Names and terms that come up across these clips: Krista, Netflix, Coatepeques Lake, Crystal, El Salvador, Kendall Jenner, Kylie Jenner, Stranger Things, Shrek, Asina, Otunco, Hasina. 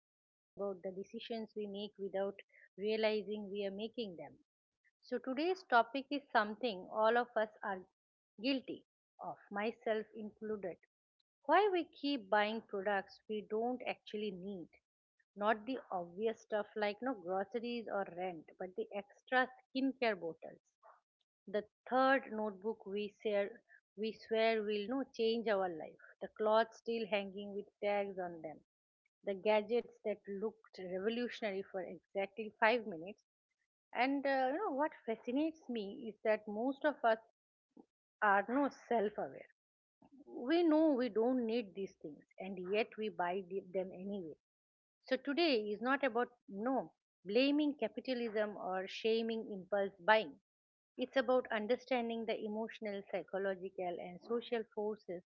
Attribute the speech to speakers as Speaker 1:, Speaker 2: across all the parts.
Speaker 1: talk about the decisions we make without realizing we are making them. So, today's topic is something all of us are guilty of, myself included. Why we keep buying products we don't actually need. Not the obvious stuff like no groceries or rent, but the extra skincare bottles, the third notebook we share we swear will no change our life. The clothes still hanging with tags on them. The gadgets that looked revolutionary for exactly 5 minutes. And what fascinates me is that most of us are no self aware. We know we don't need these things, and yet we buy them anyway. So today is not about no blaming capitalism or shaming impulse buying. It's about understanding the emotional, psychological, and social forces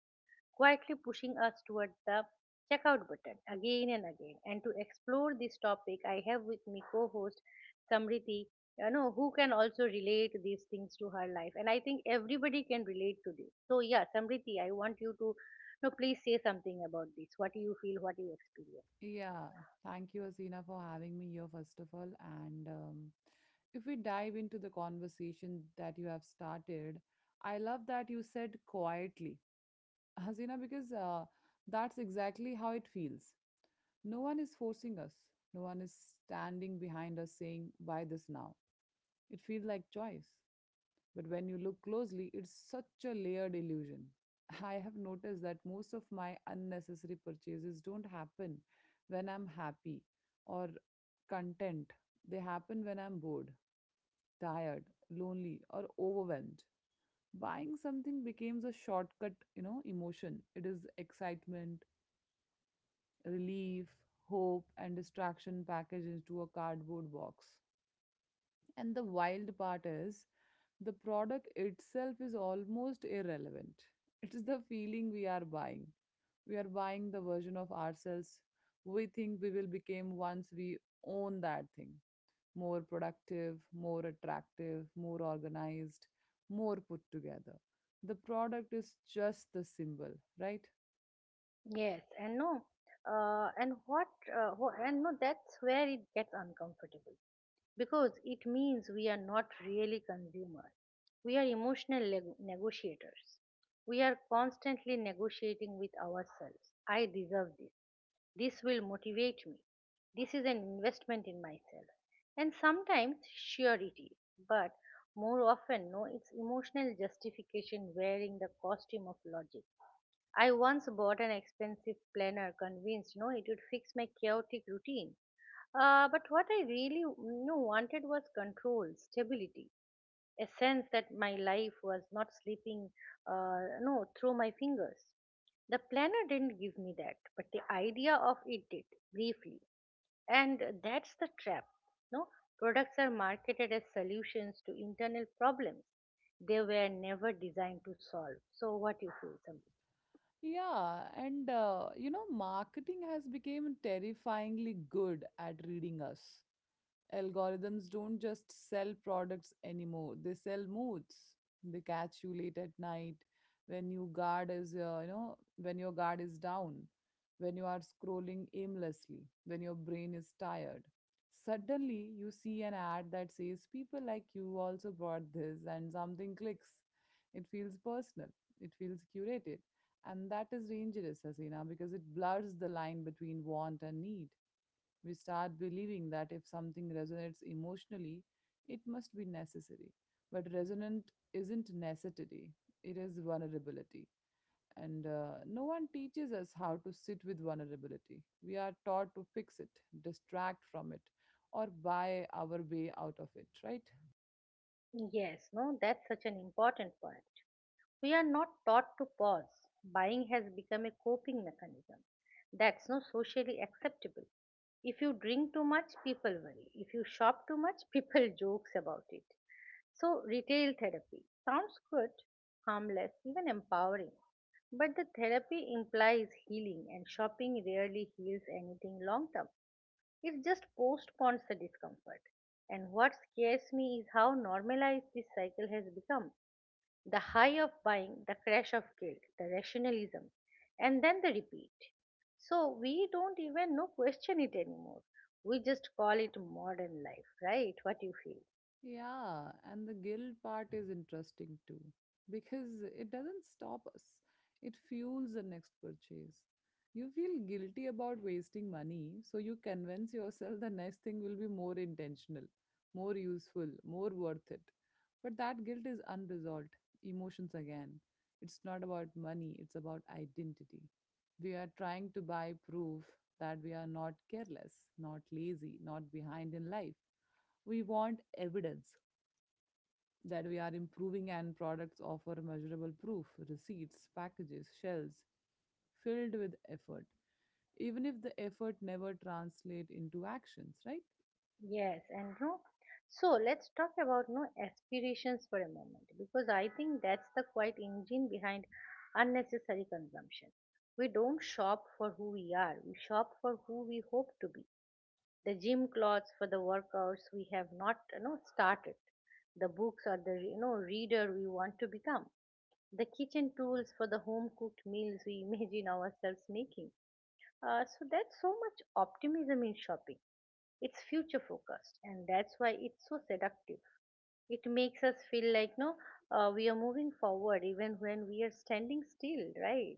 Speaker 1: quietly pushing us towards the checkout button again and again. And to explore this topic, I have with me co-host Samriti, who can also relate these things to her life. And I think everybody can relate to this. So yeah, Samriti, I want you to, please say something about this. What do you feel? What do you experience?
Speaker 2: Yeah, thank you, Asina, for having me here, first of all. And if we dive into the conversation that you have started, I love that you said quietly, Hasina, because that's exactly how it feels. No one is forcing us, no one is standing behind us saying, "Buy this now." It feels like choice. But when you look closely, it's such a layered illusion. I have noticed that most of my unnecessary purchases don't happen when I'm happy or content. They happen when I'm bored, tired, lonely, or overwhelmed. Buying something becomes a shortcut, you know, emotion. It is excitement, relief, hope, and distraction packaged into a cardboard box. And the wild part is the product itself is almost irrelevant. It is the feeling we are buying. We are buying the version of ourselves we think we will become once we own that thing. More productive, more attractive, more organized, more put together. The product is just the symbol, right?
Speaker 1: Yes, and no, and and no, that's where it gets uncomfortable because it means we are not really consumers. We are emotional negotiators. We are constantly negotiating with ourselves. I deserve this. This will motivate me. This is an investment in myself. And sometimes, sure it is, but more often, no, it's emotional justification wearing the costume of logic. I once bought an expensive planner, convinced no, it would fix my chaotic routine. But what I really wanted was control, stability, a sense that my life was not slipping, no, through my fingers. The planner didn't give me that, but the idea of it did, briefly. And that's the trap. No, products are marketed as solutions to internal problems. They were never designed to solve. So, what you feel, Samriti?
Speaker 2: Yeah, and you know, marketing has become terrifyingly good at reading us. Algorithms don't just sell products anymore, they sell moods. They catch you late at night when you guard is you know, when your guard is down, when you are scrolling aimlessly, when your brain is tired. Suddenly, you see an ad that says people like you also bought this and something clicks. It feels personal. It feels curated, and that is dangerous, Hasina, because it blurs the line between want and need. We start believing that if something resonates emotionally, it must be necessary. But resonant isn't necessity, it is vulnerability. And no one teaches us how to sit with vulnerability. We are taught to fix it, distract from it, or buy our way out of it, right?
Speaker 1: Yes, no, that's such an important point. We are not taught to pause. Buying has become a coping mechanism. That's not socially acceptable. If you drink too much, people worry. If you shop too much, people jokes about it. So retail therapy sounds good, harmless, even empowering. But the therapy implies healing and shopping rarely heals anything long term. It just postpones the discomfort. And what scares me is how normalized this cycle has become. The high of buying, the crash of guilt, the rationalism, and then the repeat. So we don't even know question it anymore. We just call it modern life, right? What you feel.
Speaker 2: Yeah, and the guilt part is interesting too, because it doesn't stop us. It fuels the next purchase. You feel guilty about wasting money, so you convince yourself the next thing will be more intentional, more useful, more worth it. But that guilt is unresolved. Emotions again. It's not about money, it's about identity. We are trying to buy proof that we are not careless, not lazy, not behind in life. We want evidence that we are improving, and products offer measurable proof, receipts, packages, shelves filled with effort, even if the effort never translate into actions, right?
Speaker 1: Yes, and no. So let's talk about no aspirations for a moment because I think that's the quiet engine behind unnecessary consumption. We don't shop for who we are, we shop for who we hope to be. The gym clothes for the workouts we have not started, the books or the reader we want to become, the kitchen tools for the home cooked meals we imagine ourselves making. So that's so much optimism in shopping. It's future focused, and that's why it's so seductive. It makes us feel like no, we are moving forward even when we are standing still, right?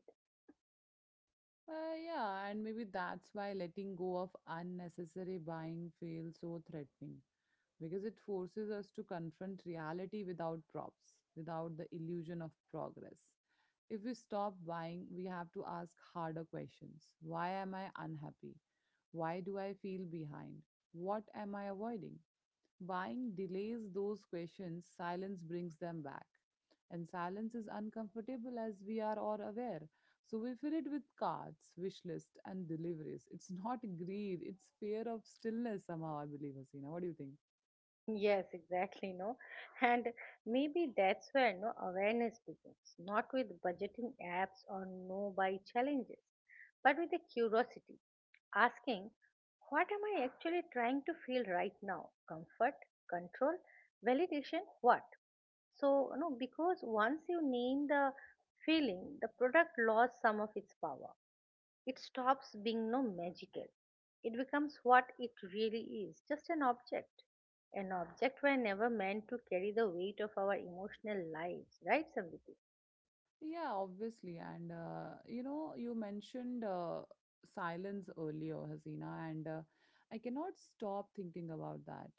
Speaker 2: Yeah, and maybe that's why letting go of unnecessary buying feels so threatening because it forces us to confront reality without props, without the illusion of progress. If we stop buying, we have to ask harder questions. Why am I unhappy? Why do I feel behind? What am I avoiding? Buying delays those questions, silence brings them back. And silence is uncomfortable, as we are all aware. So we fill it with cards, wish list, and deliveries. It's not greed, it's fear of stillness somehow, I believe, Hasina. What do you think?
Speaker 1: Yes, exactly. No, and maybe that's where no awareness begins, not with budgeting apps or no buy challenges, but with a curiosity, asking, what am I actually trying to feel right now? Comfort, control, validation, what? So, no, because once you name the feeling, the product lost some of its power. It stops being no magical. It becomes what it really is, just an object. An object were never meant to carry the weight of our emotional lives, right, Samriti?
Speaker 2: Yeah, obviously. And you know, you mentioned silence earlier, Hasina, and I cannot stop thinking about that.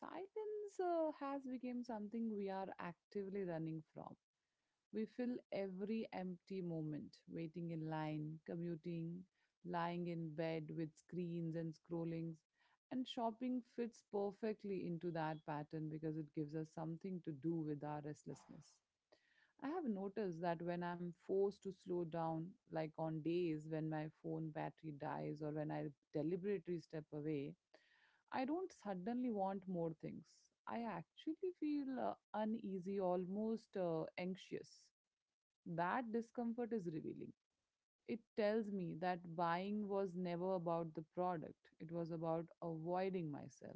Speaker 2: Silence has become something we are actively running from. We fill every empty moment, waiting in line, commuting, lying in bed with screens and scrollings. And shopping fits perfectly into that pattern because it gives us something to do with our restlessness. I have noticed that when I'm forced to slow down, like on days when my phone battery dies or when I deliberately step away, I don't suddenly want more things. I actually feel uneasy, almost anxious. That discomfort is revealing. It tells me that buying was never about the product, it was about avoiding myself.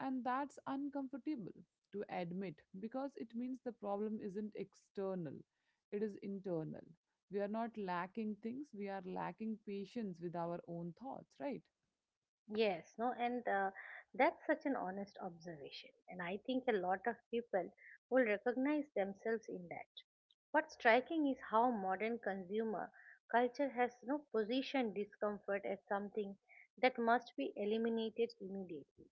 Speaker 2: And that's uncomfortable to admit because it means the problem isn't external, it is internal. We are not lacking things, we are lacking patience with our own thoughts, right?
Speaker 1: Yes, no, and that's such an honest observation. And I think a lot of people will recognize themselves in that. What's striking is how modern consumer culture has no positioned discomfort as something that must be eliminated immediately.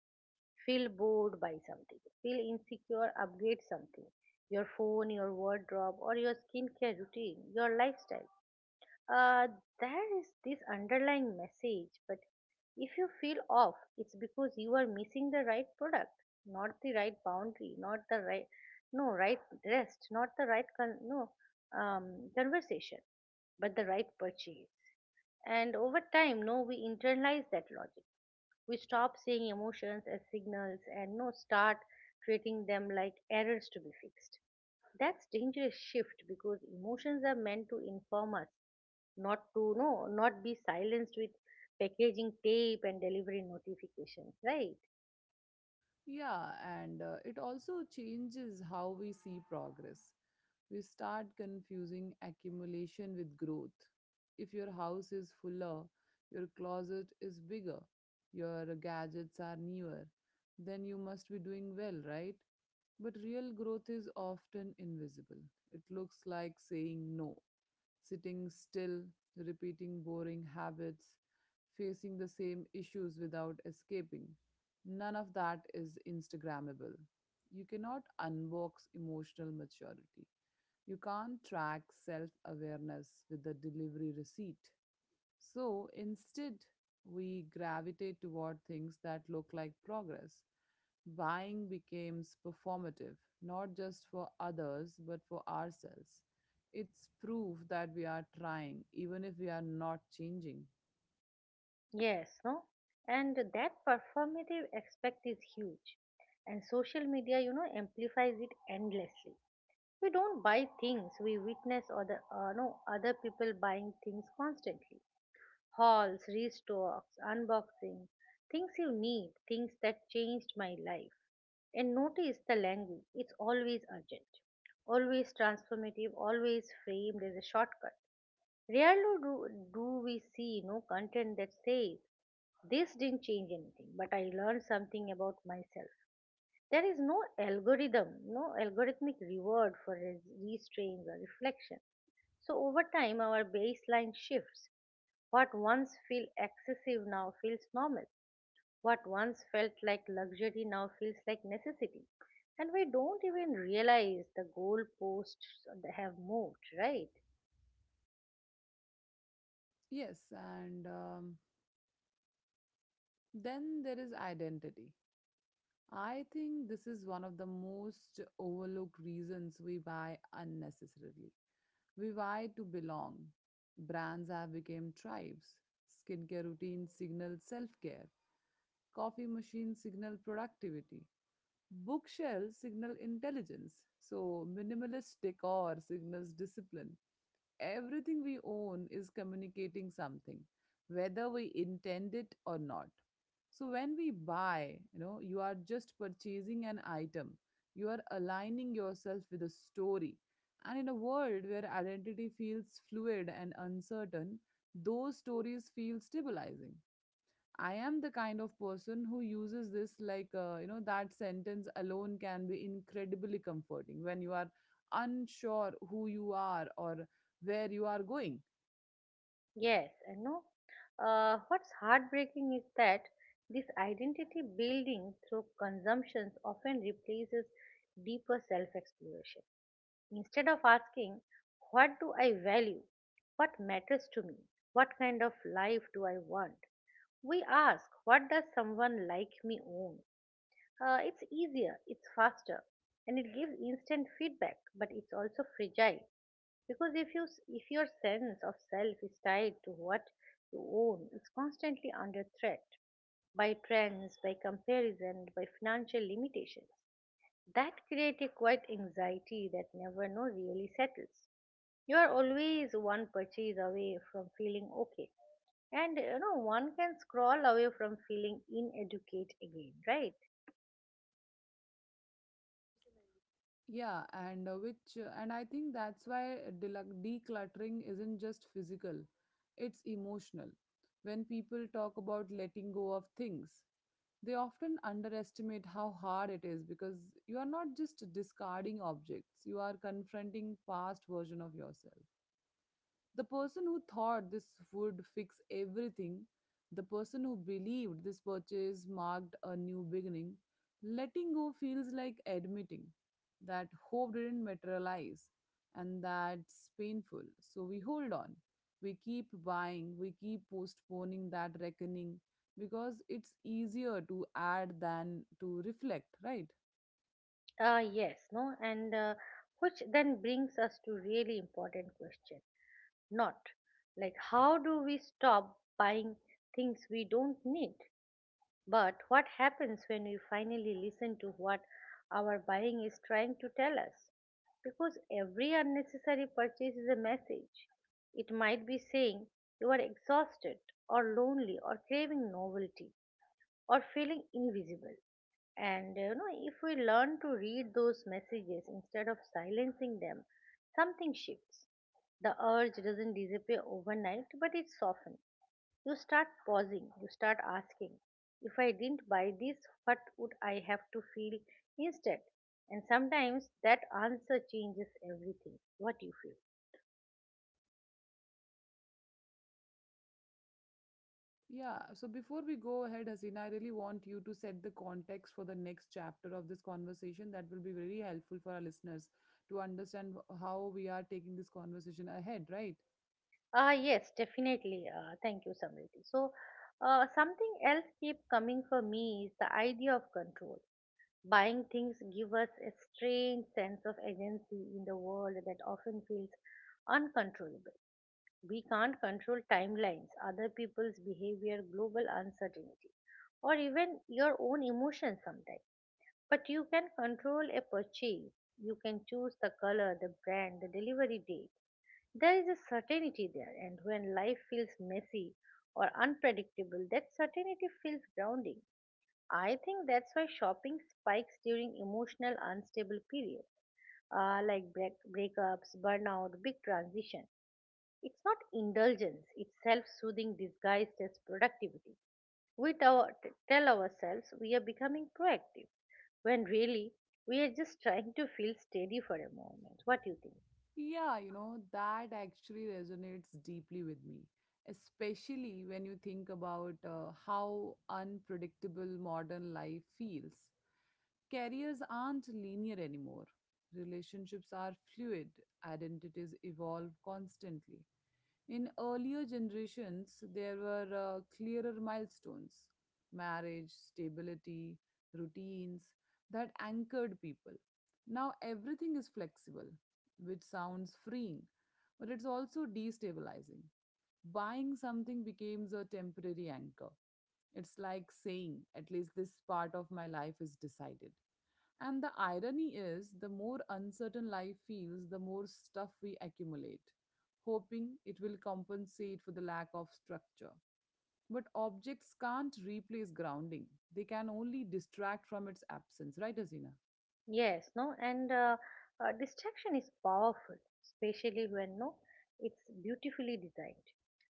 Speaker 1: Feel bored by something, feel insecure, upgrade something. Your phone, your wardrobe, or your skincare routine, your lifestyle. Uh, there is this underlying message, but if you feel off, it's because you are missing the right product, not the right boundary, not the right, no, right rest, not the right, no, conversation, but the right purchase. And over time, no, we internalize that logic. We stop seeing emotions as signals and no start treating them like errors to be fixed. That's dangerous shift because emotions are meant to inform us, not to no, not be silenced with packaging tape and delivery notifications, right?
Speaker 2: Yeah, and it also changes how we see progress. We start confusing accumulation with growth. If your house is fuller, your closet is bigger, your gadgets are newer, then you must be doing well, right? But real growth is often invisible. It looks like saying no, sitting still, repeating boring habits, facing the same issues without escaping. None of that is Instagrammable. You cannot unbox emotional maturity. You can't track self awareness with a delivery receipt. So instead, we gravitate toward things that look like progress. Buying becomes performative, not just for others, but for ourselves. It's proof that we are trying, even if we are not changing.
Speaker 1: Yes, no? And that performative aspect is huge. And social media, amplifies it endlessly. We don't buy things, we witness other no, other people buying things constantly. Hauls, restocks, unboxing, things you need, things that changed my life. And notice the language, it's always urgent, always transformative, always framed as a shortcut. Rarely do we see no content that says, this didn't change anything, but I learned something about myself. There is no algorithm, no algorithmic reward for restraints or reflection. So over time, our baseline shifts. What once felt excessive now feels normal. What once felt like luxury now feels like necessity. And we don't even realize the goalposts that have moved, right?
Speaker 2: Yes, and then there is identity. I think this is one of the most overlooked reasons we buy unnecessarily. We vie to belong. Brands have become tribes. Skincare routines signal self-care. Coffee machines signal productivity. Bookshelves signal intelligence. So minimalist decor signals discipline. Everything we own is communicating something, whether we intend it or not. So when we buy, you know, you are just purchasing an item. You are aligning yourself with a story. And in a world where identity feels fluid and uncertain, those stories feel stabilizing. "I am the kind of person who uses this," like, you know, that sentence alone can be incredibly comforting when you are unsure who you are or where you are going.
Speaker 1: Yes, I know. What's heartbreaking is that this identity building through consumptions often replaces deeper self exploration. Instead of asking, what do I value? What matters to me? What kind of life do I want? We ask, what does someone like me own? It's easier, it's faster, and it gives instant feedback, but it's also fragile because if your sense of self is tied to what you own, it's constantly under threat by trends, by comparison, by financial limitations. That creates a quiet anxiety that never no really settles. You are always one purchase away from feeling okay, and one can scroll away from feeling ineducate again, right?
Speaker 2: And I think that's why decluttering isn't just physical, it's emotional. When people talk about letting go of things, they often underestimate how hard it is because you are not just discarding objects, you are confronting past version of yourself. The person who thought this would fix everything, the person who believed this purchase marked a new beginning, letting go feels like admitting that hope didn't materialize, and that's painful. So we hold on, we keep buying, we keep postponing that reckoning because it's easier to add than to reflect, right?
Speaker 1: Yes, no, and which then brings us to really important question. Not like how do we stop buying things we don't need, but what happens when we finally listen to what our buying is trying to tell us? Because every unnecessary purchase is a message. It might be saying you are exhausted or lonely or craving novelty or feeling invisible. And if we learn to read those messages instead of silencing them, something shifts. The urge doesn't disappear overnight, but it softens. You start pausing, you start asking, if I didn't buy this, what would I have to feel instead? And sometimes that answer changes everything, what you feel.
Speaker 2: Yeah, so before we go ahead, Hasina, I really want you to set the context for the next chapter of this conversation. That will be very helpful for our listeners to understand how we are taking this conversation ahead, right?
Speaker 1: Ah, yes, definitely. Thank you, Samriti. So, something else keep coming for me is the idea of control. Buying things give us a strange sense of agency in the world that often feels uncontrollable. We can't control timelines, other people's behavior, global uncertainty, or even your own emotions sometimes. But you can control a purchase. You can choose the color, the brand, the delivery date. There is a certainty there, and when life feels messy or unpredictable, that certainty feels grounding. I think that's why shopping spikes during emotional unstable periods, like breakups, burnout, big transition. It's not indulgence, it's self soothing disguised as productivity. We tell ourselves we are becoming proactive, when really we are just trying to feel steady for a moment. What do you think?
Speaker 2: Yeah, you know, that actually resonates deeply with me, especially when you think about how unpredictable modern life feels. Careers aren't linear anymore. Relationships are fluid, identities evolve constantly. In earlier generations, there were clearer milestones, marriage, stability, routines that anchored people. Now everything is flexible, which sounds freeing, but it's also destabilizing. Buying something becomes a temporary anchor. It's like saying, at least this part of my life is decided. And the irony is, the more uncertain life feels, the more stuff we accumulate, hoping it will compensate for the lack of structure. But objects can't replace grounding, they can only distract from its absence, right, Asina?
Speaker 1: Yes, no, and distraction is powerful, especially when no, it's beautifully designed.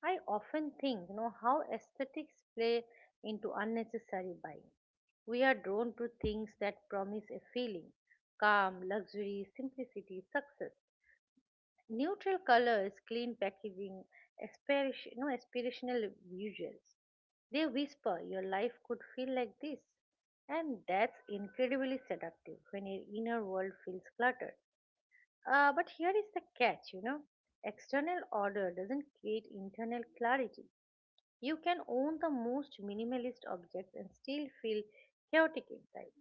Speaker 1: I often think, how aesthetics play into unnecessary buying. We are drawn to things that promise a feeling, calm, luxury, simplicity, success. Neutral colors, clean packaging, aspiration, no aspirational visuals. They whisper, your life could feel like this. And that's incredibly seductive when your inner world feels cluttered. But here is the catch, external order doesn't create internal clarity. You can own the most minimalist objects and still feel chaotic inside.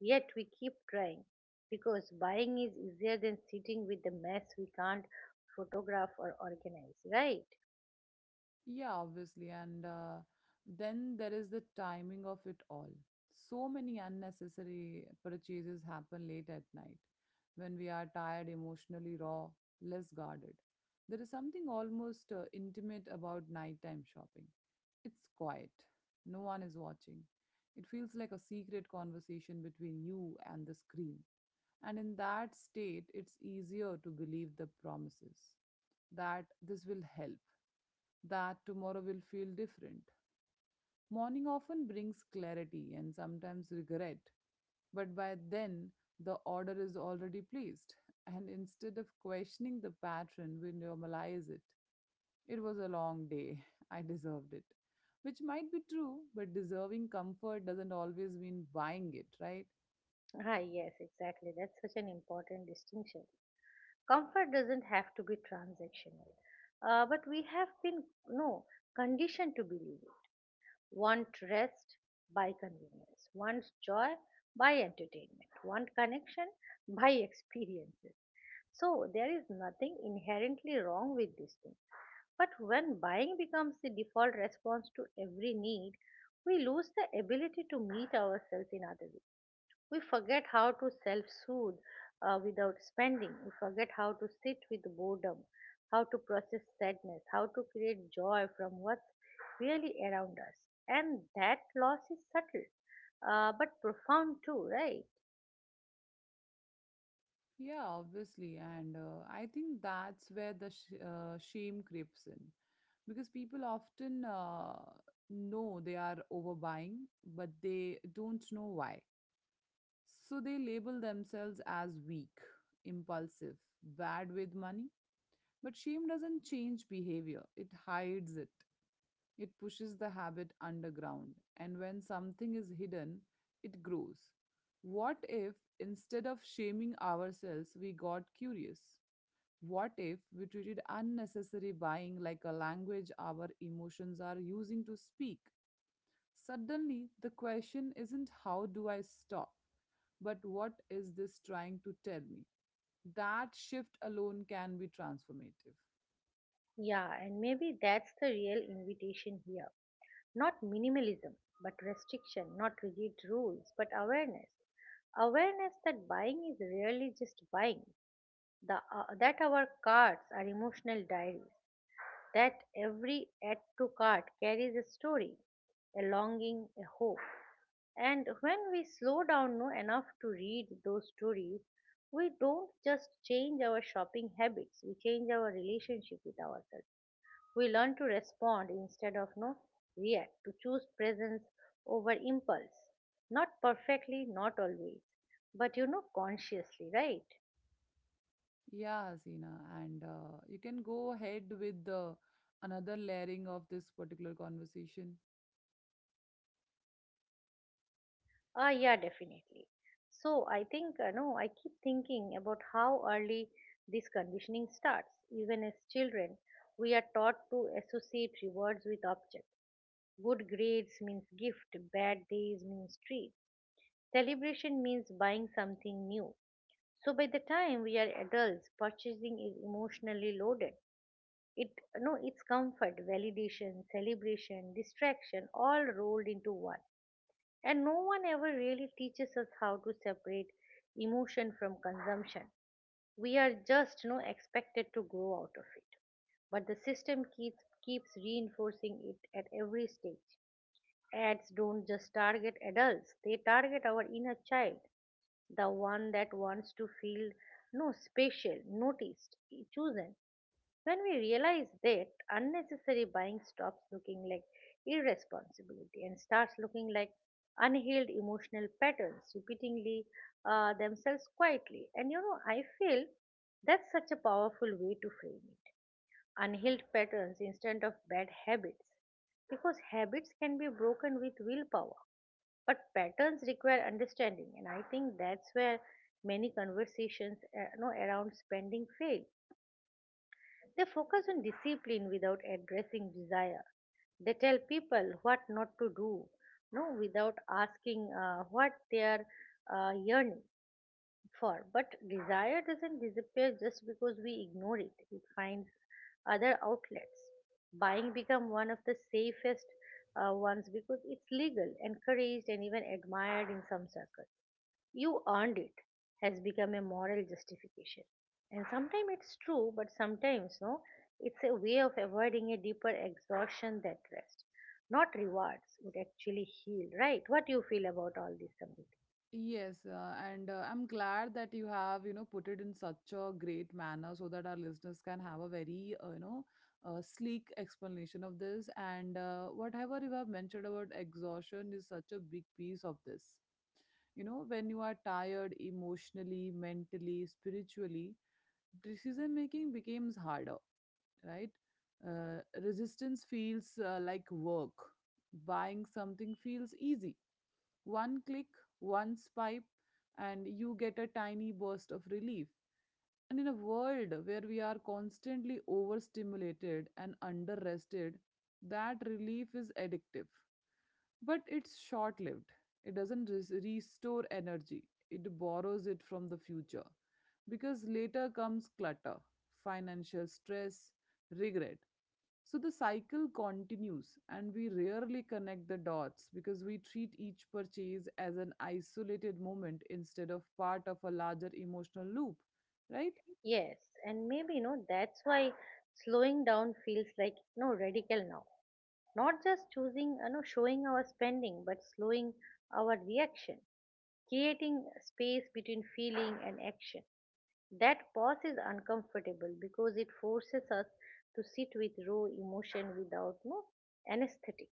Speaker 1: Yet we keep trying because buying is easier than sitting with the mess we can't photograph or organize, right?
Speaker 2: Yeah, obviously. And then there is the timing of it all. So many unnecessary purchases happen late at night when we are tired, emotionally raw, less guarded. There is something almost intimate about nighttime shopping. It's quiet. No one is watching. It feels like a secret conversation between you and the screen. And in that state, it's easier to believe the promises that this will help, that tomorrow will feel different. Morning often brings clarity and sometimes regret, but by then the order is already placed, and instead of questioning the pattern, we normalize it. "It was a long day. I deserved it." Which might be true, but deserving comfort doesn't always mean buying it, right?
Speaker 1: Ah, yes, exactly. That's such an important distinction. Comfort doesn't have to be transactional, but we have been no conditioned to believe it. Want rest by convenience, wants joy by entertainment, want connection by experiences. So there is nothing inherently wrong with this thing. But when buying becomes the default response to every need, we lose the ability to meet ourselves in other ways. We forget how to self soothe without spending. We forget how to sit with boredom, how to process sadness, how to create joy from what's really around us. And that loss is subtle, but profound too, right?
Speaker 2: Yeah, obviously. And I think that's where the shame creeps in. Because people often know they are overbuying, but they don't know why. So they label themselves as weak, impulsive, bad with money. But shame doesn't change behavior, it hides it. It pushes the habit underground. And when something is hidden, it grows. What if, instead of shaming ourselves, we got curious? What if we treated unnecessary buying like a language our emotions are using to speak? Suddenly, the question isn't how do I stop, but what is this trying to tell me? That shift alone can be transformative.
Speaker 1: Yeah, and maybe that's the real invitation here. Not minimalism, but restriction, not rigid rules, but awareness. Awareness that buying is really just buying, that our cards are emotional diaries, that every add to cart carries a story, a longing, a hope. And when we slow down no, enough to read those stories, we don't just change our shopping habits, we change our relationship with ourselves. We learn to respond instead of no react, to choose presence over impulse. Not perfectly, not always, but consciously, right?
Speaker 2: Yeah, Hasina, and you can go ahead with the another layering of this particular conversation.
Speaker 1: Yeah, definitely. So I think, no, I keep thinking about how early this conditioning starts. Even as children, we are taught to associate rewards with objects. Good grades means gift, bad days means treat. Celebration means buying something new. So by the time we are adults, purchasing is emotionally loaded. It no, it's comfort, validation, celebration, distraction, all rolled into one. And no one ever really teaches us how to separate emotion from consumption. We are just expected to grow out of it. But the system keeps reinforcing it at every stage. Ads don't just target adults, they target our inner child, the one that wants to feel no special, noticed, chosen. When we realize that, unnecessary buying stops looking like irresponsibility and starts looking like unhealed emotional patterns repeatingly themselves quietly. And I feel that's such a powerful way to frame it. Unhealed patterns instead of bad habits. Because habits can be broken with willpower, but patterns require understanding. And I think that's where many conversations around spending fail. They focus on discipline without addressing desire. They tell people what not to do, no, without asking what they are yearning for. But desire doesn't disappear just because we ignore it. It finds other outlets. Buying become one of the safest ones because it's legal, encouraged, and even admired in some circles. You earned it has become a moral justification, and sometimes it's true, but sometimes no it's a way of avoiding a deeper exhaustion that rest, not rewards, would actually heal. Right? What do you feel about all this, Samriti?
Speaker 2: Yes, and I'm glad that you have, you know, put it in such a great manner so that our listeners can have a very, you know, sleek explanation of this. And whatever you have mentioned about exhaustion is such a big piece of this. You know, when you are tired emotionally, mentally, spiritually, decision making becomes harder, right? Resistance feels like work. Buying something feels easy, one click, one swipe, and you get a tiny burst of relief. And in a world where we are constantly overstimulated and underrested, that relief is addictive. But it's short lived. It doesn't restore energy, it borrows it from the future. Because later comes clutter, financial stress, regret, so the cycle continues, and we rarely connect the dots because we treat each purchase as an isolated moment instead of part of a larger emotional loop, right?
Speaker 1: Yes, and maybe no that's why slowing down feels like radical now, not just choosing showing our spending but slowing our reaction, creating space between feeling and action. That pause is uncomfortable because it forces us to sit with raw emotion without no anesthetic.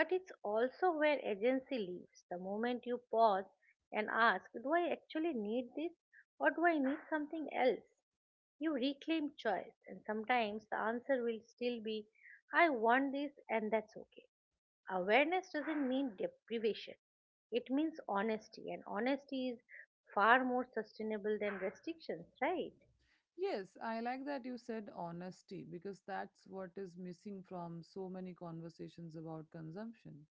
Speaker 1: But it's also where agency lives. The moment you pause and ask, do I actually need this or do I need something else? You reclaim choice, and sometimes the answer will still be, I want this, and that's okay. Awareness doesn't mean deprivation, it means honesty, and honesty is far more sustainable than restrictions, right?
Speaker 2: Yes, I like that you said honesty because that's what is missing from so many conversations about consumption.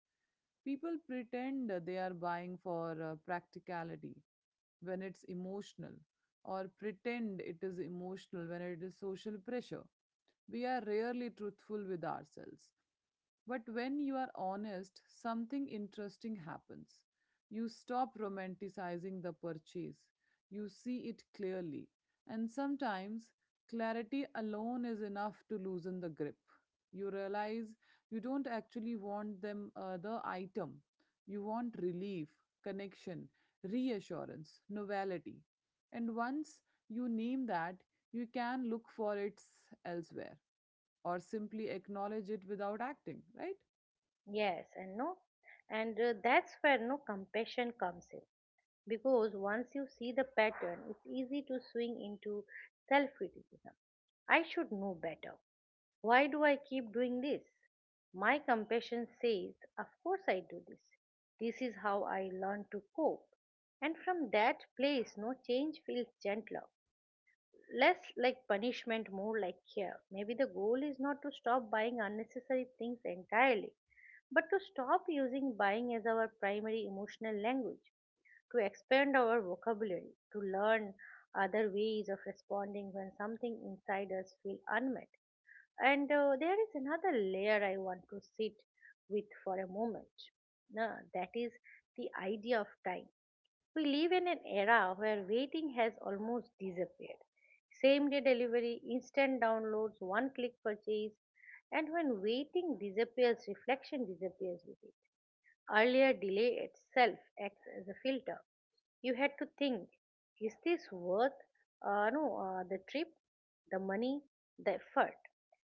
Speaker 2: People pretend they are buying for practicality when it's emotional, or pretend it is emotional when it is social pressure. We are rarely truthful with ourselves. But when you are honest, something interesting happens. You stop romanticizing the purchase. You see it clearly. And sometimes clarity alone is enough to loosen the grip. You realize you don't actually want the item. You want relief, connection, reassurance, novelty. And once you name that, you can look for it elsewhere or simply acknowledge it without acting, right?
Speaker 1: Yes, and that's where no compassion comes in, because once you see the pattern, it's easy to swing into self criticism. I should know better. Why do I keep doing this? My compassion says, of course, I do this. This is how I learn to cope. And from that place, no change feels gentler, less like punishment, more like care. Maybe the goal is not to stop buying unnecessary things entirely, but to stop using buying as our primary emotional language, to expand our vocabulary, to learn other ways of responding when something inside us feels unmet. And there is another layer I want to sit with for a moment. Nah, That is the idea of time. We live in an era where waiting has almost disappeared. Same day delivery, instant downloads, one click purchase, and when waiting disappears, reflection disappears with it. Earlier, delay itself acts as a filter. You had to think, is this worth no, the trip, the money, the effort?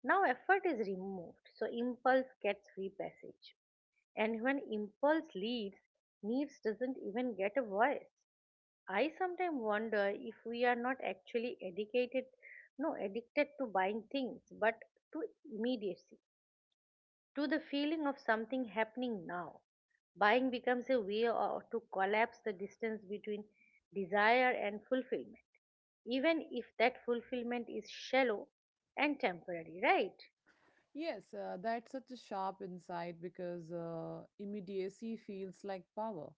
Speaker 1: Now, effort is removed, so impulse gets free passage. And when impulse leaves, needs doesn't even get a voice. I sometimes wonder if we are not actually educated, no, addicted to buying things, but to immediacy, to the feeling of something happening now. Buying becomes a way or to collapse the distance between desire and fulfillment, even if that fulfillment is shallow and temporary, right?
Speaker 2: Yes, that's such a sharp insight because immediacy feels like power.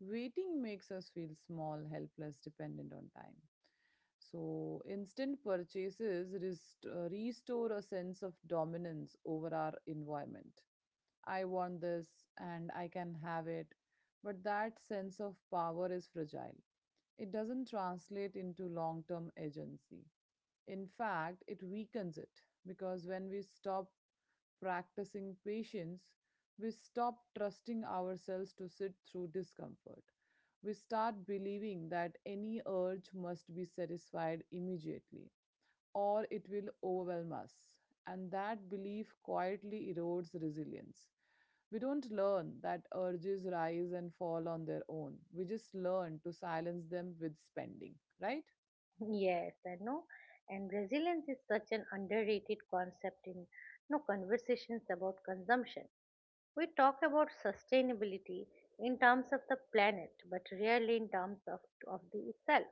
Speaker 2: Waiting makes us feel small, helpless, dependent on time. So, instant purchases restore a sense of dominance over our environment. I want this and I can have it, but that sense of power is fragile. It doesn't translate into long term agency. In fact, it weakens it because when we stop practicing patience, we stop trusting ourselves to sit through discomfort. We start believing that any urge must be satisfied immediately or it will overwhelm us. And that belief quietly erodes resilience. We don't learn that urges rise and fall on their own. We just learn to silence them with spending, right?
Speaker 1: Yes, I know. And resilience is such an underrated concept in no conversations about consumption. We talk about sustainability in terms of the planet, but rarely in terms of the itself.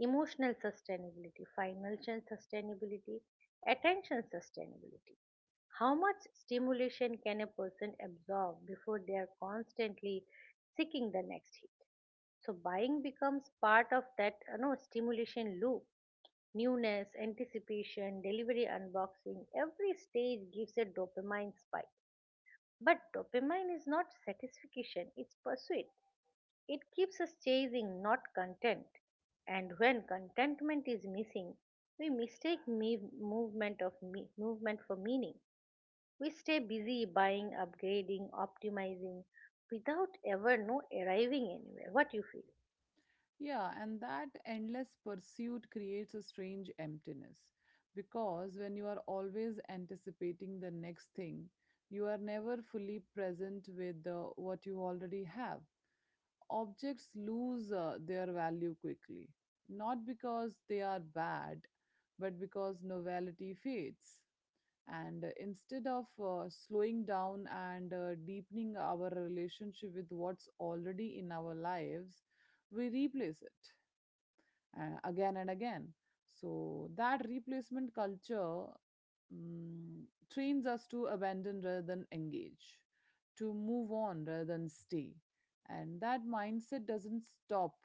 Speaker 1: Emotional sustainability, financial sustainability, attention sustainability. How much stimulation can a person absorb before they are constantly seeking the next hit? So buying becomes part of that stimulation loop. Newness, anticipation, delivery unboxing, every stage gives a dopamine spike. But dopamine is not satisfaction, it's pursuit. It keeps us chasing, not content. And when contentment is missing, we mistake movement of movement for meaning. We stay busy buying, upgrading, optimizing without ever no arriving anywhere. What you feel?
Speaker 2: Yeah, and that endless pursuit creates a strange emptiness because when you are always anticipating the next thing, you are never fully present with what you already have. Objects lose their value quickly, not because they are bad, but because novelty fades. And instead of slowing down and deepening our relationship with what's already in our lives, we replace it again and again. So that replacement culture mm, trains us to abandon rather than engage, to move on rather than stay. And that mindset doesn't stop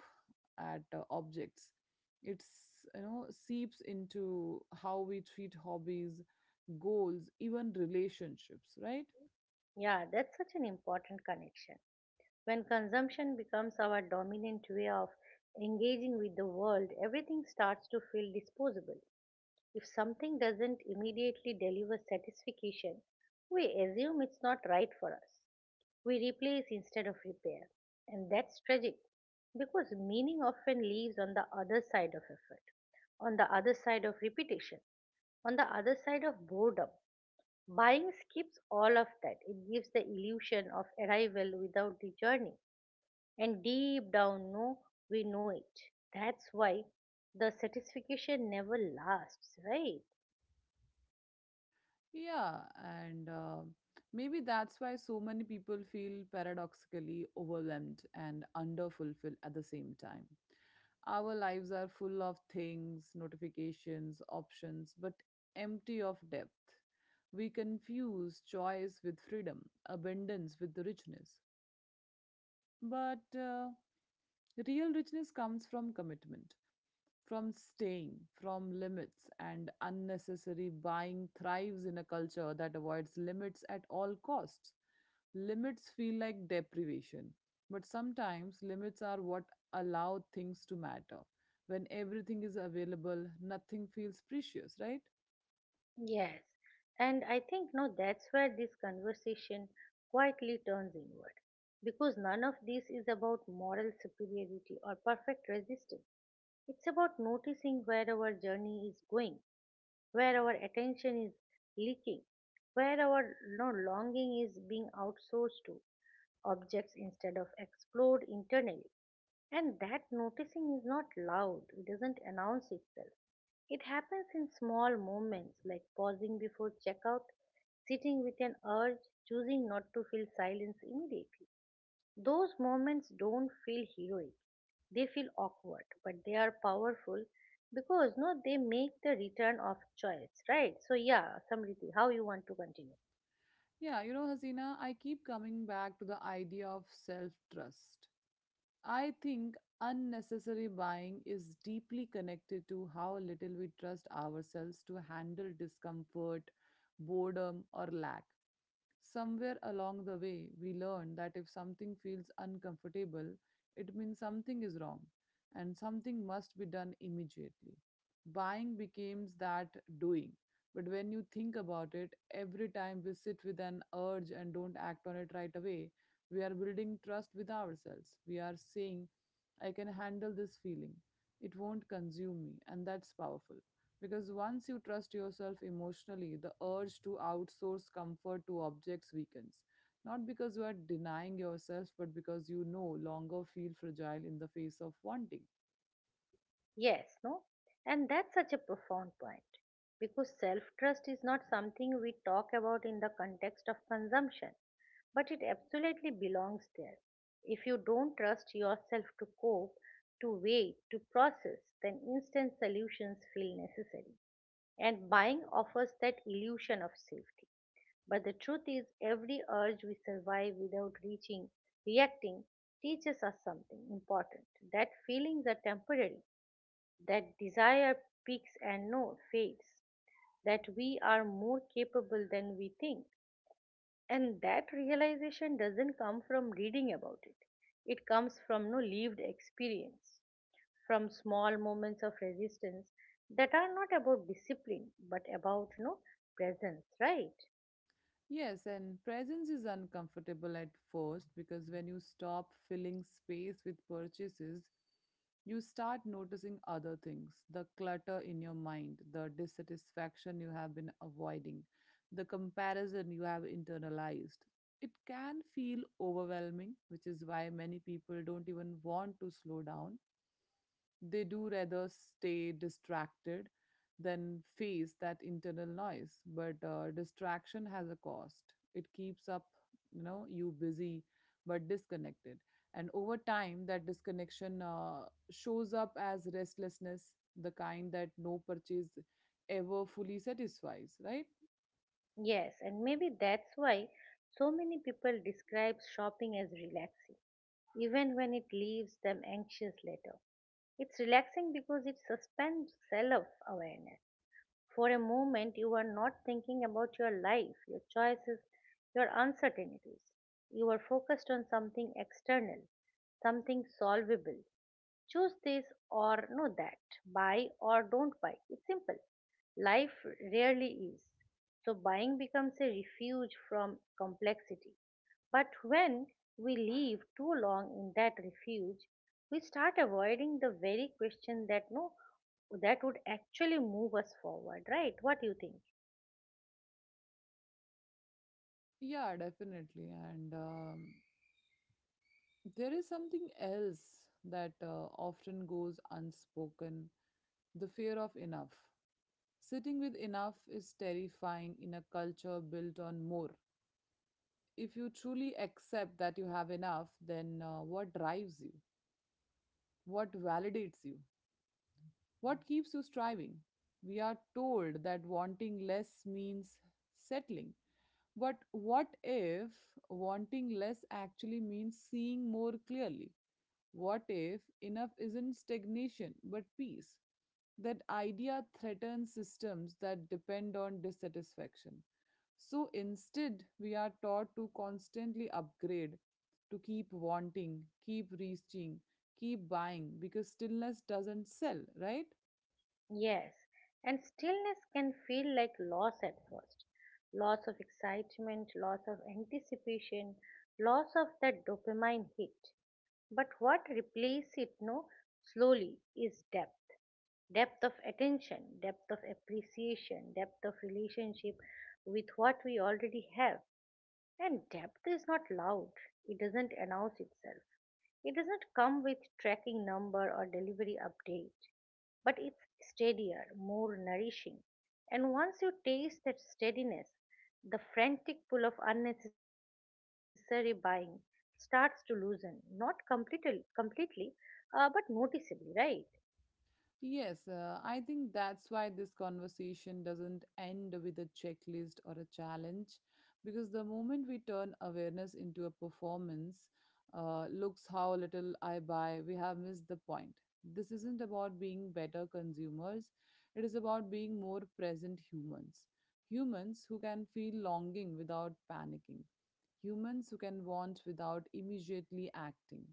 Speaker 2: at objects. It's seeps into how we treat hobbies, goals, even relationships, right?
Speaker 1: Yeah, that's such an important connection. When consumption becomes our dominant way of engaging with the world, everything starts to feel disposable. If something doesn't immediately deliver satisfaction, we assume it's not right for us. We replace instead of repair. And that's tragic because meaning often lives on the other side of effort, on the other side of repetition, on the other side of boredom. Buying skips all of that. It gives the illusion of arrival without the journey. And deep down, no, we know it. That's why the satisfaction never lasts, right?
Speaker 2: Yeah, and maybe that's why so many people feel paradoxically overwhelmed and underfulfilled at the same time. Our lives are full of things, notifications, options, but empty of depth. We confuse choice with freedom, abundance with richness, but real richness comes from commitment, from staying, from limits, and unnecessary buying thrives in a culture that avoids limits at all costs. Limits feel like deprivation, but sometimes limits are what allow things to matter. When everything is available, nothing feels precious, right?
Speaker 1: Yes, and I think no, that's where this conversation quietly turns inward, because none of this is about moral superiority or perfect resistance. It's about noticing where our journey is going, where our attention is leaking, where our no longing is being outsourced to objects instead of explored internally. And that noticing is not loud, it doesn't announce itself. It happens in small moments like pausing before checkout, sitting with an urge, choosing not to feel silence immediately. Those moments don't feel heroic, they feel awkward, but they are powerful because no, they make the return of choice, right? So, yeah, Samriti, how you want to continue?
Speaker 2: Yeah, you know, Hasina, I keep coming back to the idea of self trust. I think unnecessary buying is deeply connected to how little we trust ourselves to handle discomfort, boredom, or lack. Somewhere along the way, we learn that if something feels uncomfortable, it means something is wrong and something must be done immediately. Buying becomes that doing. But when you think about it, every time we sit with an urge and don't act on it right away, we are building trust with ourselves. We are saying, I can handle this feeling. It won't consume me. And that's powerful. Because once you trust yourself emotionally, the urge to outsource comfort to objects weakens. Not because you are denying yourself, but because you no longer feel fragile in the face of wanting.
Speaker 1: Y- yes, no? And that's such a profound point, because self trust is not something we talk about in the context of consumption, but it absolutely belongs there. If you don't trust yourself to cope, to weigh, to process, then instant solutions feel necessary. And buying offers that illusion of safety. But the truth is, every urge we survive without reaching, reacting, teaches us something important, that feelings are temporary, that desire peaks and no fades, that we are more capable than we think. And that realization doesn't come from reading about it, it comes from no lived experience, from small moments of resistance that are not about discipline but about no presence, right?
Speaker 2: Yes, and presence is uncomfortable at first because when you stop filling space with purchases, you start noticing other things: the clutter in your mind, the dissatisfaction you have been avoiding, the comparison you have internalized. It can feel overwhelming, which is why many people don't even want to slow down. They do rather stay distracted than face that internal noise. But distraction has a cost. It keeps up, you know, you busy but disconnected. And over time, that disconnection shows up as restlessness, the kind that no purchase ever fully satisfies, right?
Speaker 1: Yes, and maybe that's why so many people describe shopping as relaxing, even when it leaves them anxious later. It's relaxing because it suspends self awareness. For a moment, you are not thinking about your life, your choices, your uncertainties. You are focused on something external, something solvable. Choose this or that. Buy or don't buy. It's simple. Life rarely is. So, buying becomes a refuge from complexity. But when we live too long in that refuge, we start avoiding the very question that no that would actually move us forward, right? What do you think?
Speaker 2: Yeah, definitely. And there is something else that often goes unspoken: the fear of enough. Sitting with enough is terrifying in a culture built on more. If you truly accept that you have enough, then what drives you? What validates you? What keeps you striving? We are told that wanting less means settling. But what if wanting less actually means seeing more clearly? What if enough isn't stagnation but peace? That idea threatens systems that depend on dissatisfaction. So instead, we are taught to constantly upgrade, to keep wanting, keep reaching, keep buying because stillness doesn't sell, right?
Speaker 1: Yes. And stillness can feel like loss at first. Loss of excitement, loss of anticipation, loss of that dopamine hit. But what replaces it no slowly is depth. Depth of attention, depth of appreciation, depth of relationship with what we already have. And depth is not loud, it doesn't announce itself. It doesn't come with tracking number or delivery update, but it's steadier, more nourishing. And once you taste that steadiness, the frantic pull of unnecessary buying starts to loosen, not completely, but noticeably, right?
Speaker 2: Yes, I think that's why this conversation doesn't end with a checklist or a challenge, because the moment we turn awareness into a performance, looks how little I buy, we have missed the point. This isn't about being better consumers, it is about being more present humans. Humans who can feel longing without panicking, humans who can want without immediately acting,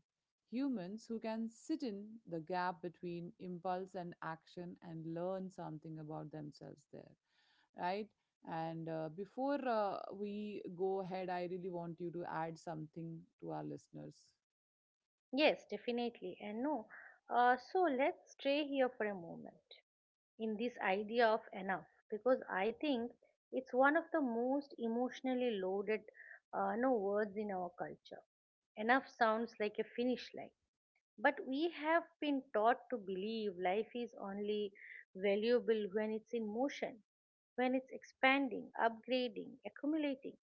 Speaker 2: humans who can sit in the gap between impulse and action and learn something about themselves there, right? And before we go ahead, I really want you to add something to our listeners.
Speaker 1: Yes, definitely. And no, so let's stay here for a moment in this idea of enough, because I think it's one of the most emotionally loaded no words in our culture. Enough sounds like a finish line, but we have been taught to believe life is only valuable when it's in motion, when it's expanding, upgrading, accumulating.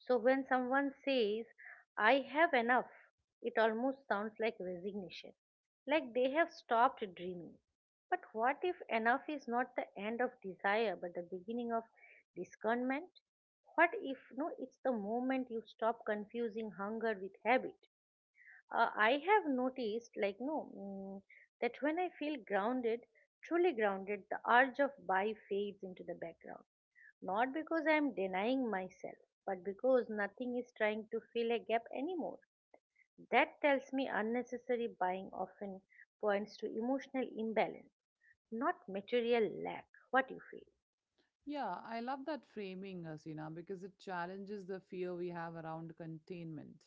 Speaker 1: So when someone says, I have enough, it almost sounds like resignation, like they have stopped dreaming. But what if enough is not the end of desire but the beginning of discernment? What if no, it's the moment you stop confusing hunger with habit? I have noticed, like, no, mm, that when I feel grounded, truly grounded, the urge of buy fades into the background, not because I'm denying myself, but because nothing is trying to fill a gap anymore. That tells me unnecessary buying often points to emotional imbalance, not material lack. What you feel?
Speaker 2: Yeah, I love that framing, Asina, because it challenges the fear we have around containment.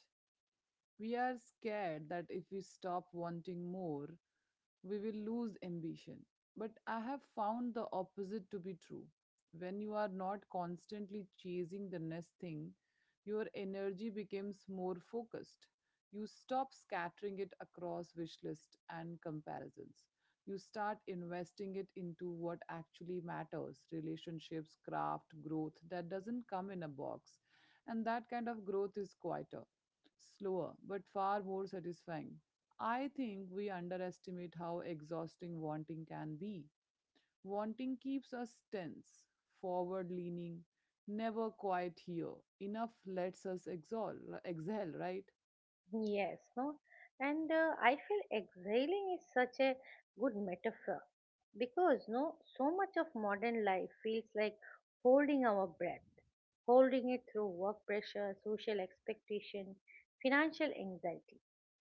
Speaker 2: We are scared that if we stop wanting more, we will lose ambition. But I have found the opposite to be true. When you are not constantly chasing the next thing, your energy becomes more focused. You stop scattering it across wish lists and comparisons. You start investing it into what actually matters: relationships, craft, growth that doesn't come in a box. And that kind of growth is quieter, slower but far more satisfying. I think we underestimate how exhausting wanting can be. Wanting keeps us tense, forward leaning, never quite here. Enough lets us exhale, exhale, right?
Speaker 1: Yes, no, and I feel exhaling is such a good metaphor because no, so much of modern life feels like holding our breath, holding it through work pressure, social expectation, financial anxiety.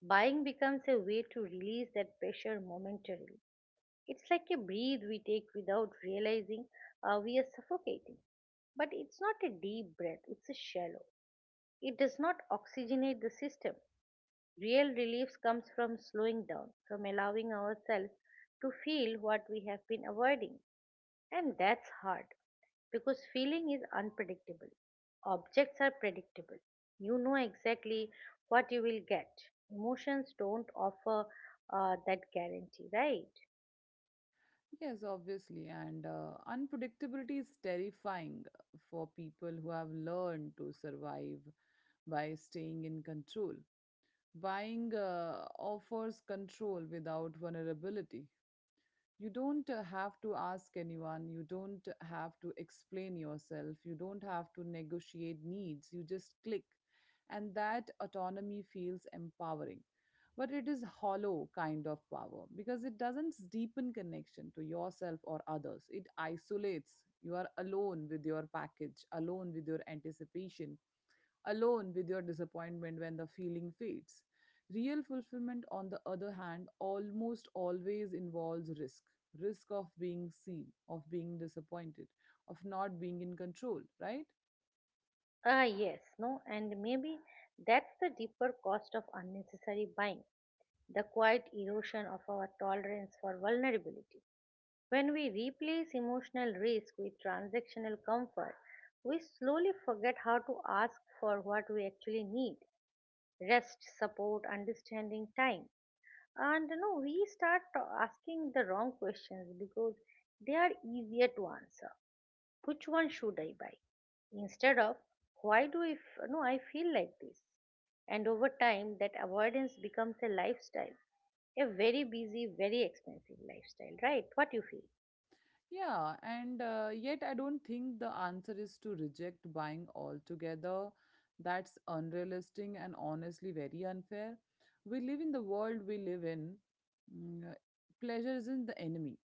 Speaker 1: Buying becomes a way to release that pressure momentarily. It's like a breath we take without realizing we are suffocating. But it's not a deep breath, it's a shallow. It does not oxygenate the system. Real relief comes from slowing down, from allowing ourselves to feel what we have been avoiding. And that's hard because feeling is unpredictable. Objects are predictable. You know exactly what you will get. Emotions don't offer that guarantee, right?
Speaker 2: Yes, obviously. And unpredictability is terrifying for people who have learned to survive by staying in control. Buying offers control without vulnerability. You don't have to ask anyone, you don't have to explain yourself, you don't have to negotiate needs, you just click, and that autonomy feels empowering, but it is hollow kind of power because it doesn't deepen connection to yourself or others, it isolates. You are alone with your package, alone with your anticipation, alone with your disappointment when the feeling fades. Real fulfillment, on the other hand, almost always involves risk: risk of being seen, of being disappointed, of not being in control, right?
Speaker 1: Ah, yes, no, and maybe that's the deeper cost of unnecessary buying, the quiet erosion of our tolerance for vulnerability. When we replace emotional risk with transactional comfort, we slowly forget how to ask for what we actually need rest, support, understanding, time. And we start asking the wrong questions because they are easier to answer. Which one should I buy? Instead of why do I f- no I feel like this? And over time that avoidance becomes a lifestyle, a very busy, very expensive lifestyle, right? What you feel?
Speaker 2: Yeah, and yet I don't think the answer is to reject buying altogether. That's unrealistic and honestly very unfair. We live in the world we live in. mm, uh, Pleasure isn't the enemy,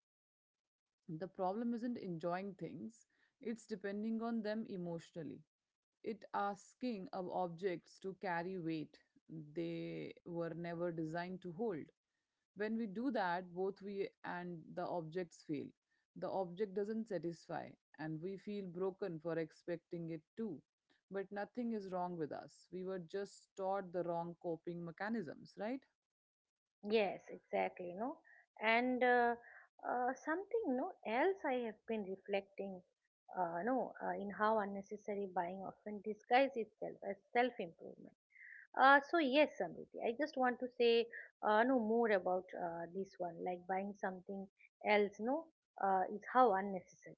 Speaker 2: the problem isn't enjoying things, it's depending on them emotionally, it asking of objects to carry weight they were never designed to hold. When we do that, both we and the objects fail. The object doesn't satisfy and we feel broken for expecting it to, but nothing is wrong with us, we were just taught the wrong coping mechanisms, right?
Speaker 1: Yes, exactly, no. And Something no else I have been reflecting no in how unnecessary buying often disguises itself as self-improvement. So yes, Samriti, I just want to say no more about this one, like buying something else, no, is how unnecessary.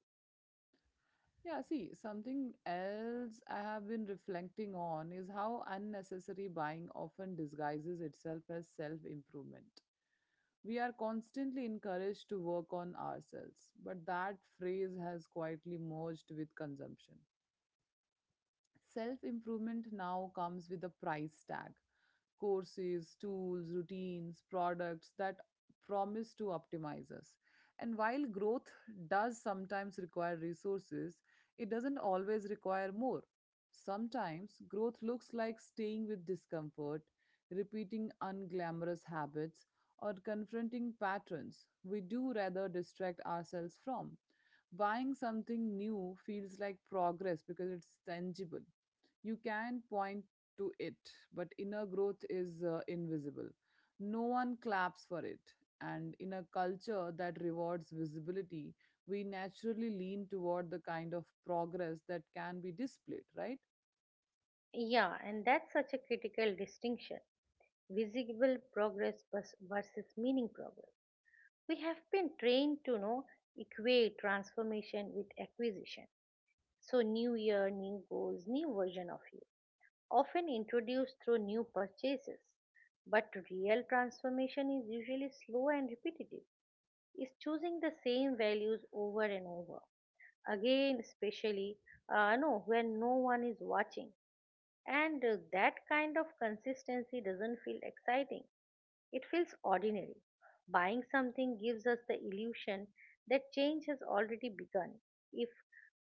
Speaker 2: Yeah, see, something else I have been reflecting on is how unnecessary buying often disguises itself as self improvement. We are constantly encouraged to work on ourselves, but that phrase has quietly merged with consumption. Self improvement now comes with a price tag, courses, tools, routines, products that promise to optimize us. And while growth does sometimes require resources, it doesn't always require more. Sometimes growth looks like staying with discomfort, repeating unglamorous habits, or confronting patterns we do rather distract ourselves from. Buying something new feels like progress because it's tangible. You can point to it, but inner growth is invisible. No one claps for it. And in a culture that rewards visibility, we naturally lean toward the kind of progress that can be displayed, right?
Speaker 1: Yeah, and that's such a critical distinction: visible progress versus meaning progress. We have been trained to know equate transformation with acquisition. So new year, new goals, new version of you, often introduced through new purchases. But real transformation is usually slow and repetitive. Is choosing the same values over and over again, especially no when no one is watching, and that kind of consistency doesn't feel exciting. It feels ordinary. Buying something gives us the illusion that change has already begun if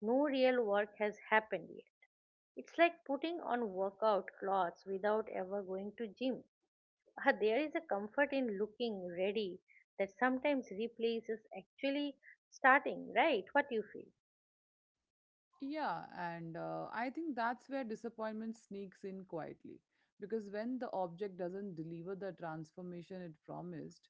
Speaker 1: no real work has happened yet. It's like putting on workout clothes without ever going to gym. There is a comfort in looking ready that sometimes replaces actually starting, right? What do you feel?
Speaker 2: Yeah, and I think that's where disappointment sneaks in quietly. Because when the object doesn't deliver the transformation it promised,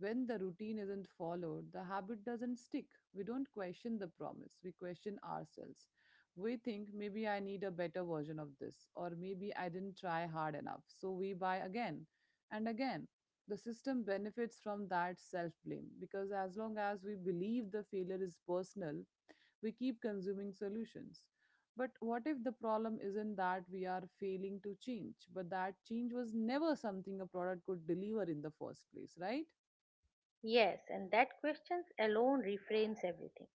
Speaker 2: when the routine isn't followed, the habit doesn't stick. We don't question the promise, we question ourselves. We think maybe I need a better version of this, or maybe I didn't try hard enough. So we buy again and again. The system benefits from that self blame because as long as we believe the failure is personal, we keep consuming solutions. But what if the problem isn't that we are failing to change, but that change was never something a product could deliver in the first place, right?
Speaker 1: Yes, and that question alone reframes everything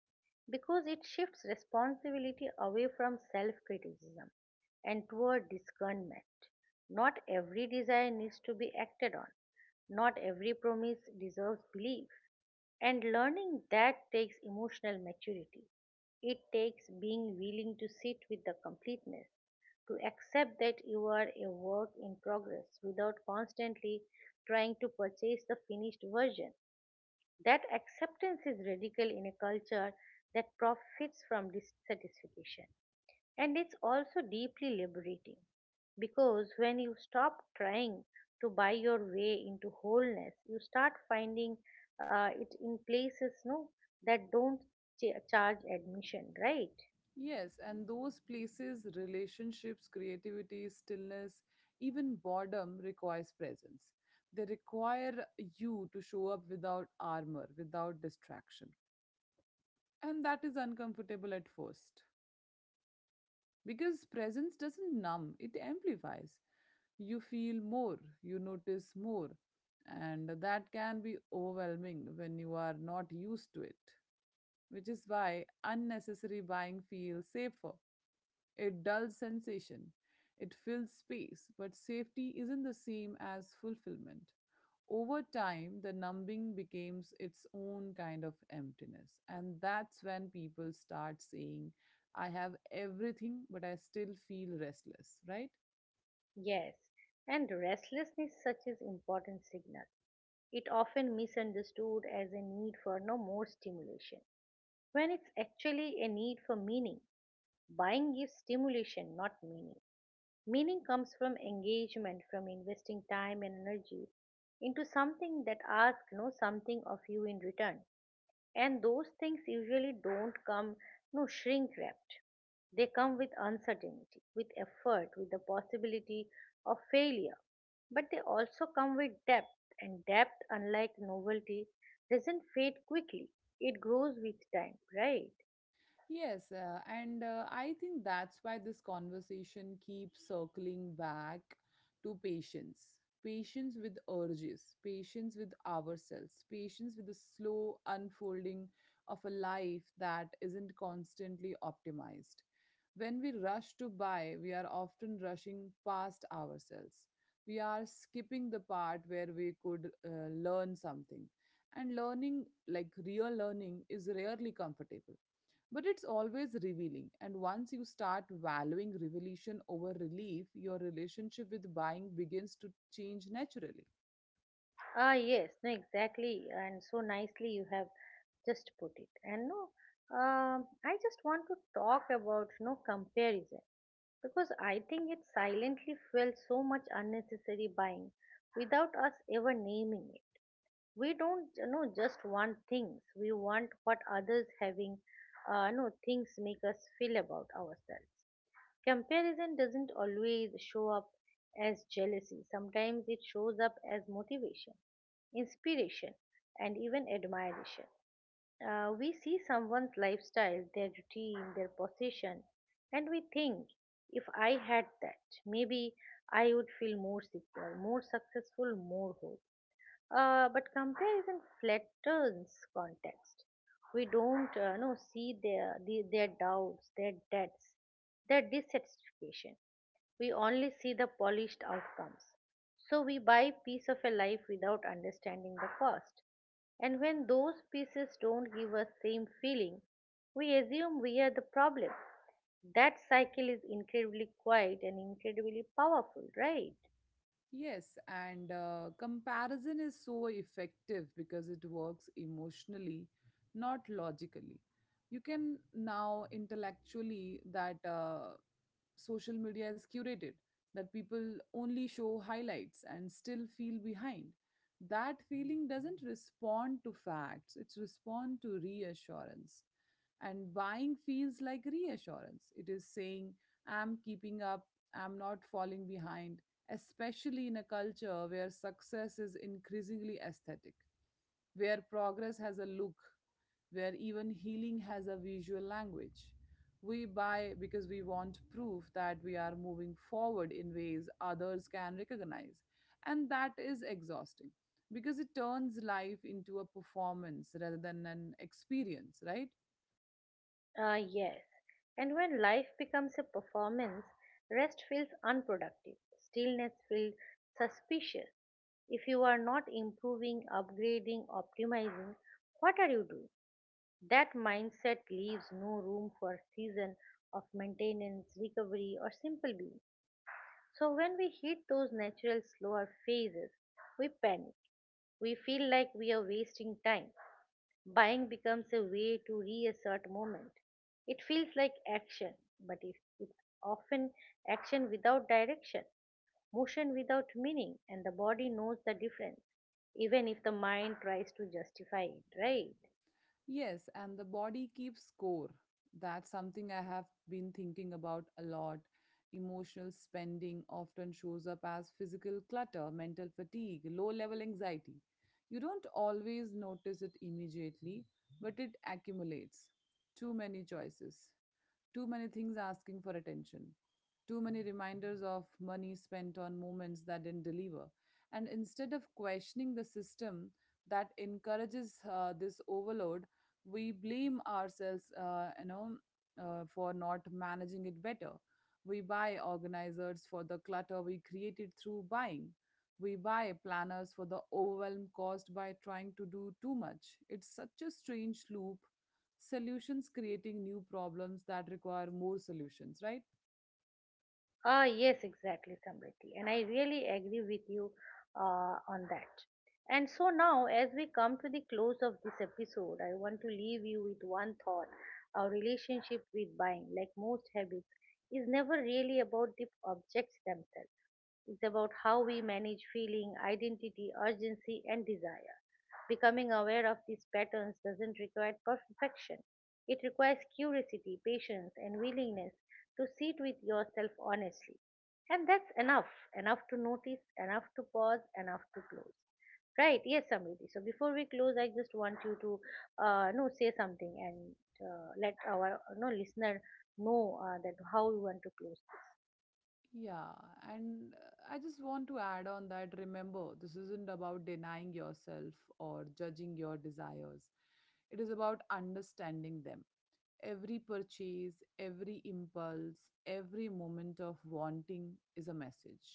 Speaker 1: because it shifts responsibility away from self criticism and toward discernment. Not every desire needs to be acted on, not every promise deserves belief. And learning that takes emotional maturity. It takes being willing to sit with the completeness, to accept that you are a work in progress without constantly trying to purchase the finished version that acceptance is radical in a culture that profits from dissatisfaction. And it's also deeply liberating because when you stop trying to buy your way into wholeness, you start finding it in places no, that don't charge admission, right?
Speaker 2: Yes, and those places, relationships, creativity, stillness, even boredom requires presence. They require you to show up without armor, without distraction. And that is uncomfortable at first. Because presence doesn't numb, it amplifies. You feel more, you notice more, and that can be overwhelming when you are not used to it, which is why unnecessary buying feels safer, a dull sensation. It fills space, but safety isn't the same as fulfillment. Over time, the numbing becomes its own kind of emptiness. And that's when people start saying, I have everything, but I still feel restless, right?
Speaker 1: Yes, and restlessness such is important signal. It often misunderstood as a need for no more stimulation when it's actually a need for meaning Buying gives stimulation, not meaning. Meaning comes from engagement, from investing time and energy into something that asks no something of you in return. And those things usually don't come no shrink wrapped. They come with uncertainty, with effort, with the possibility of failure. But they also come with depth, and depth, unlike novelty, doesn't fade quickly. It grows with time, right?
Speaker 2: Yes, and I think that's why this conversation keeps circling back to patience. Patience with urges, patience with ourselves, patience with the slow unfolding of a life that isn't constantly optimized. When we rush to buy, we are often rushing past ourselves. We are skipping the part where we could learn something. And learning, like real learning, is rarely comfortable but it's always revealing, and once you start valuing revelation over relief, your relationship with buying begins to change naturally.
Speaker 1: Ah, yes, no, exactly, and so nicely you have just put it. And no, I just want to talk about no comparison because I think it silently fuels so much unnecessary buying without us ever naming it. We don't just want things; we want what others having, no things make us feel about ourselves. Comparison doesn't always show up as jealousy, sometimes it shows up as motivation, inspiration, and even admiration. We see someone's lifestyle, their routine, their possession, and we think, if I had that, maybe I would feel more secure, more successful, more whole. But comparison flattens context. We don't no, see their doubts, their debts, their dissatisfaction. We only see the polished outcomes. So we buy piece of a life without understanding the cost. And when those pieces don't give us same feeling, we assume we are the problem. That cycle is incredibly quiet and incredibly powerful, right?
Speaker 2: Yes, and comparison is so effective because it works emotionally, not logically. You can now intellectually that social media is curated, that people only show highlights and still feel behind. That feeling doesn't respond to facts, it's respond to reassurance. And buying feels like reassurance. It is saying, I'm keeping up, I'm not falling behind, especially in a culture where success is increasingly aesthetic, where progress has a look, where even healing has a visual language. We buy because we want proof that we are moving forward in ways others can recognize. And that is exhausting because it turns life into a performance rather than an experience, right?
Speaker 1: Yes. And when life becomes a performance, rest feels unproductive. Stillness feels suspicious. If you are not improving, upgrading, optimizing, what are you doing? That mindset leaves no room for season of maintenance, recovery, or simple being. So when we hit those natural slower phases, we panic. We feel like we are wasting time. Buying becomes a way to reassert moment. It feels like action, but if it's often action without direction, motion without meaning, and the body knows the difference, even if the mind tries to justify it, right?
Speaker 2: Yes, and the body keeps score. That's something I have been thinking about a lot. Emotional spending often shows up as physical clutter, mental fatigue, low level anxiety. You don't always notice it immediately, but it accumulates. Too many choices, too many things asking for attention. Too many reminders of money spent on moments that didn't deliver. And instead of questioning the system that encourages this overload, we blame ourselves, for not managing it better. We buy organizers for the clutter we created through buying. We buy planners for the overwhelm caused by trying to do too much. It's such a strange loop, solutions creating new problems that require more solutions, right?
Speaker 1: Yes, exactly, Samriti. And I really agree with you on that. And so now, as we come to the close of this episode, I want to leave you with one thought. Our relationship with buying, like most habits, is never really about the objects themselves. It's about how we manage feeling, identity, urgency, and desire. Becoming aware of these patterns doesn't require perfection. It requires curiosity, patience, and willingness to sit with yourself honestly. And that's enough. Enough to notice, enough to pause, enough to close. Right, yes, Samriti. So before we close, I just want you to no say something and let our no listener know that how you want to close.
Speaker 2: Yeah, and I just want to add on that, remember this isn't about denying yourself or judging your desires, it is about understanding them. Every purchase, every impulse, every moment of wanting is a message.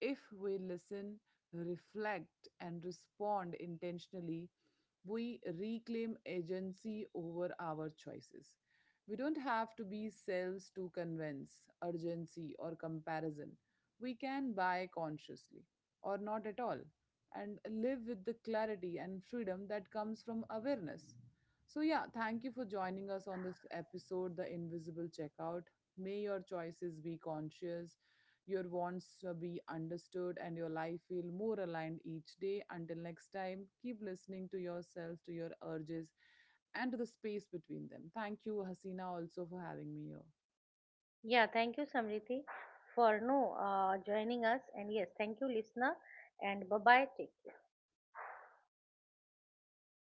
Speaker 2: If we listen, reflect, and respond intentionally, we reclaim agency over our choices. We don't have to be cells to convince, urgency, or comparison. We can buy consciously or not at all and live with the clarity and freedom that comes from awareness. So, yeah, thank you for joining us on this episode, The Invisible Checkout. May your choices be conscious, your wants be understood, and your life feel more aligned each day. Until next time, keep listening to yourself, to your urges, and to the space between them. Thank you, Hasina, also for having me here.
Speaker 1: Yeah, thank you, Samriti, for no joining us, and yes, thank you, listener, and bye bye. Take care.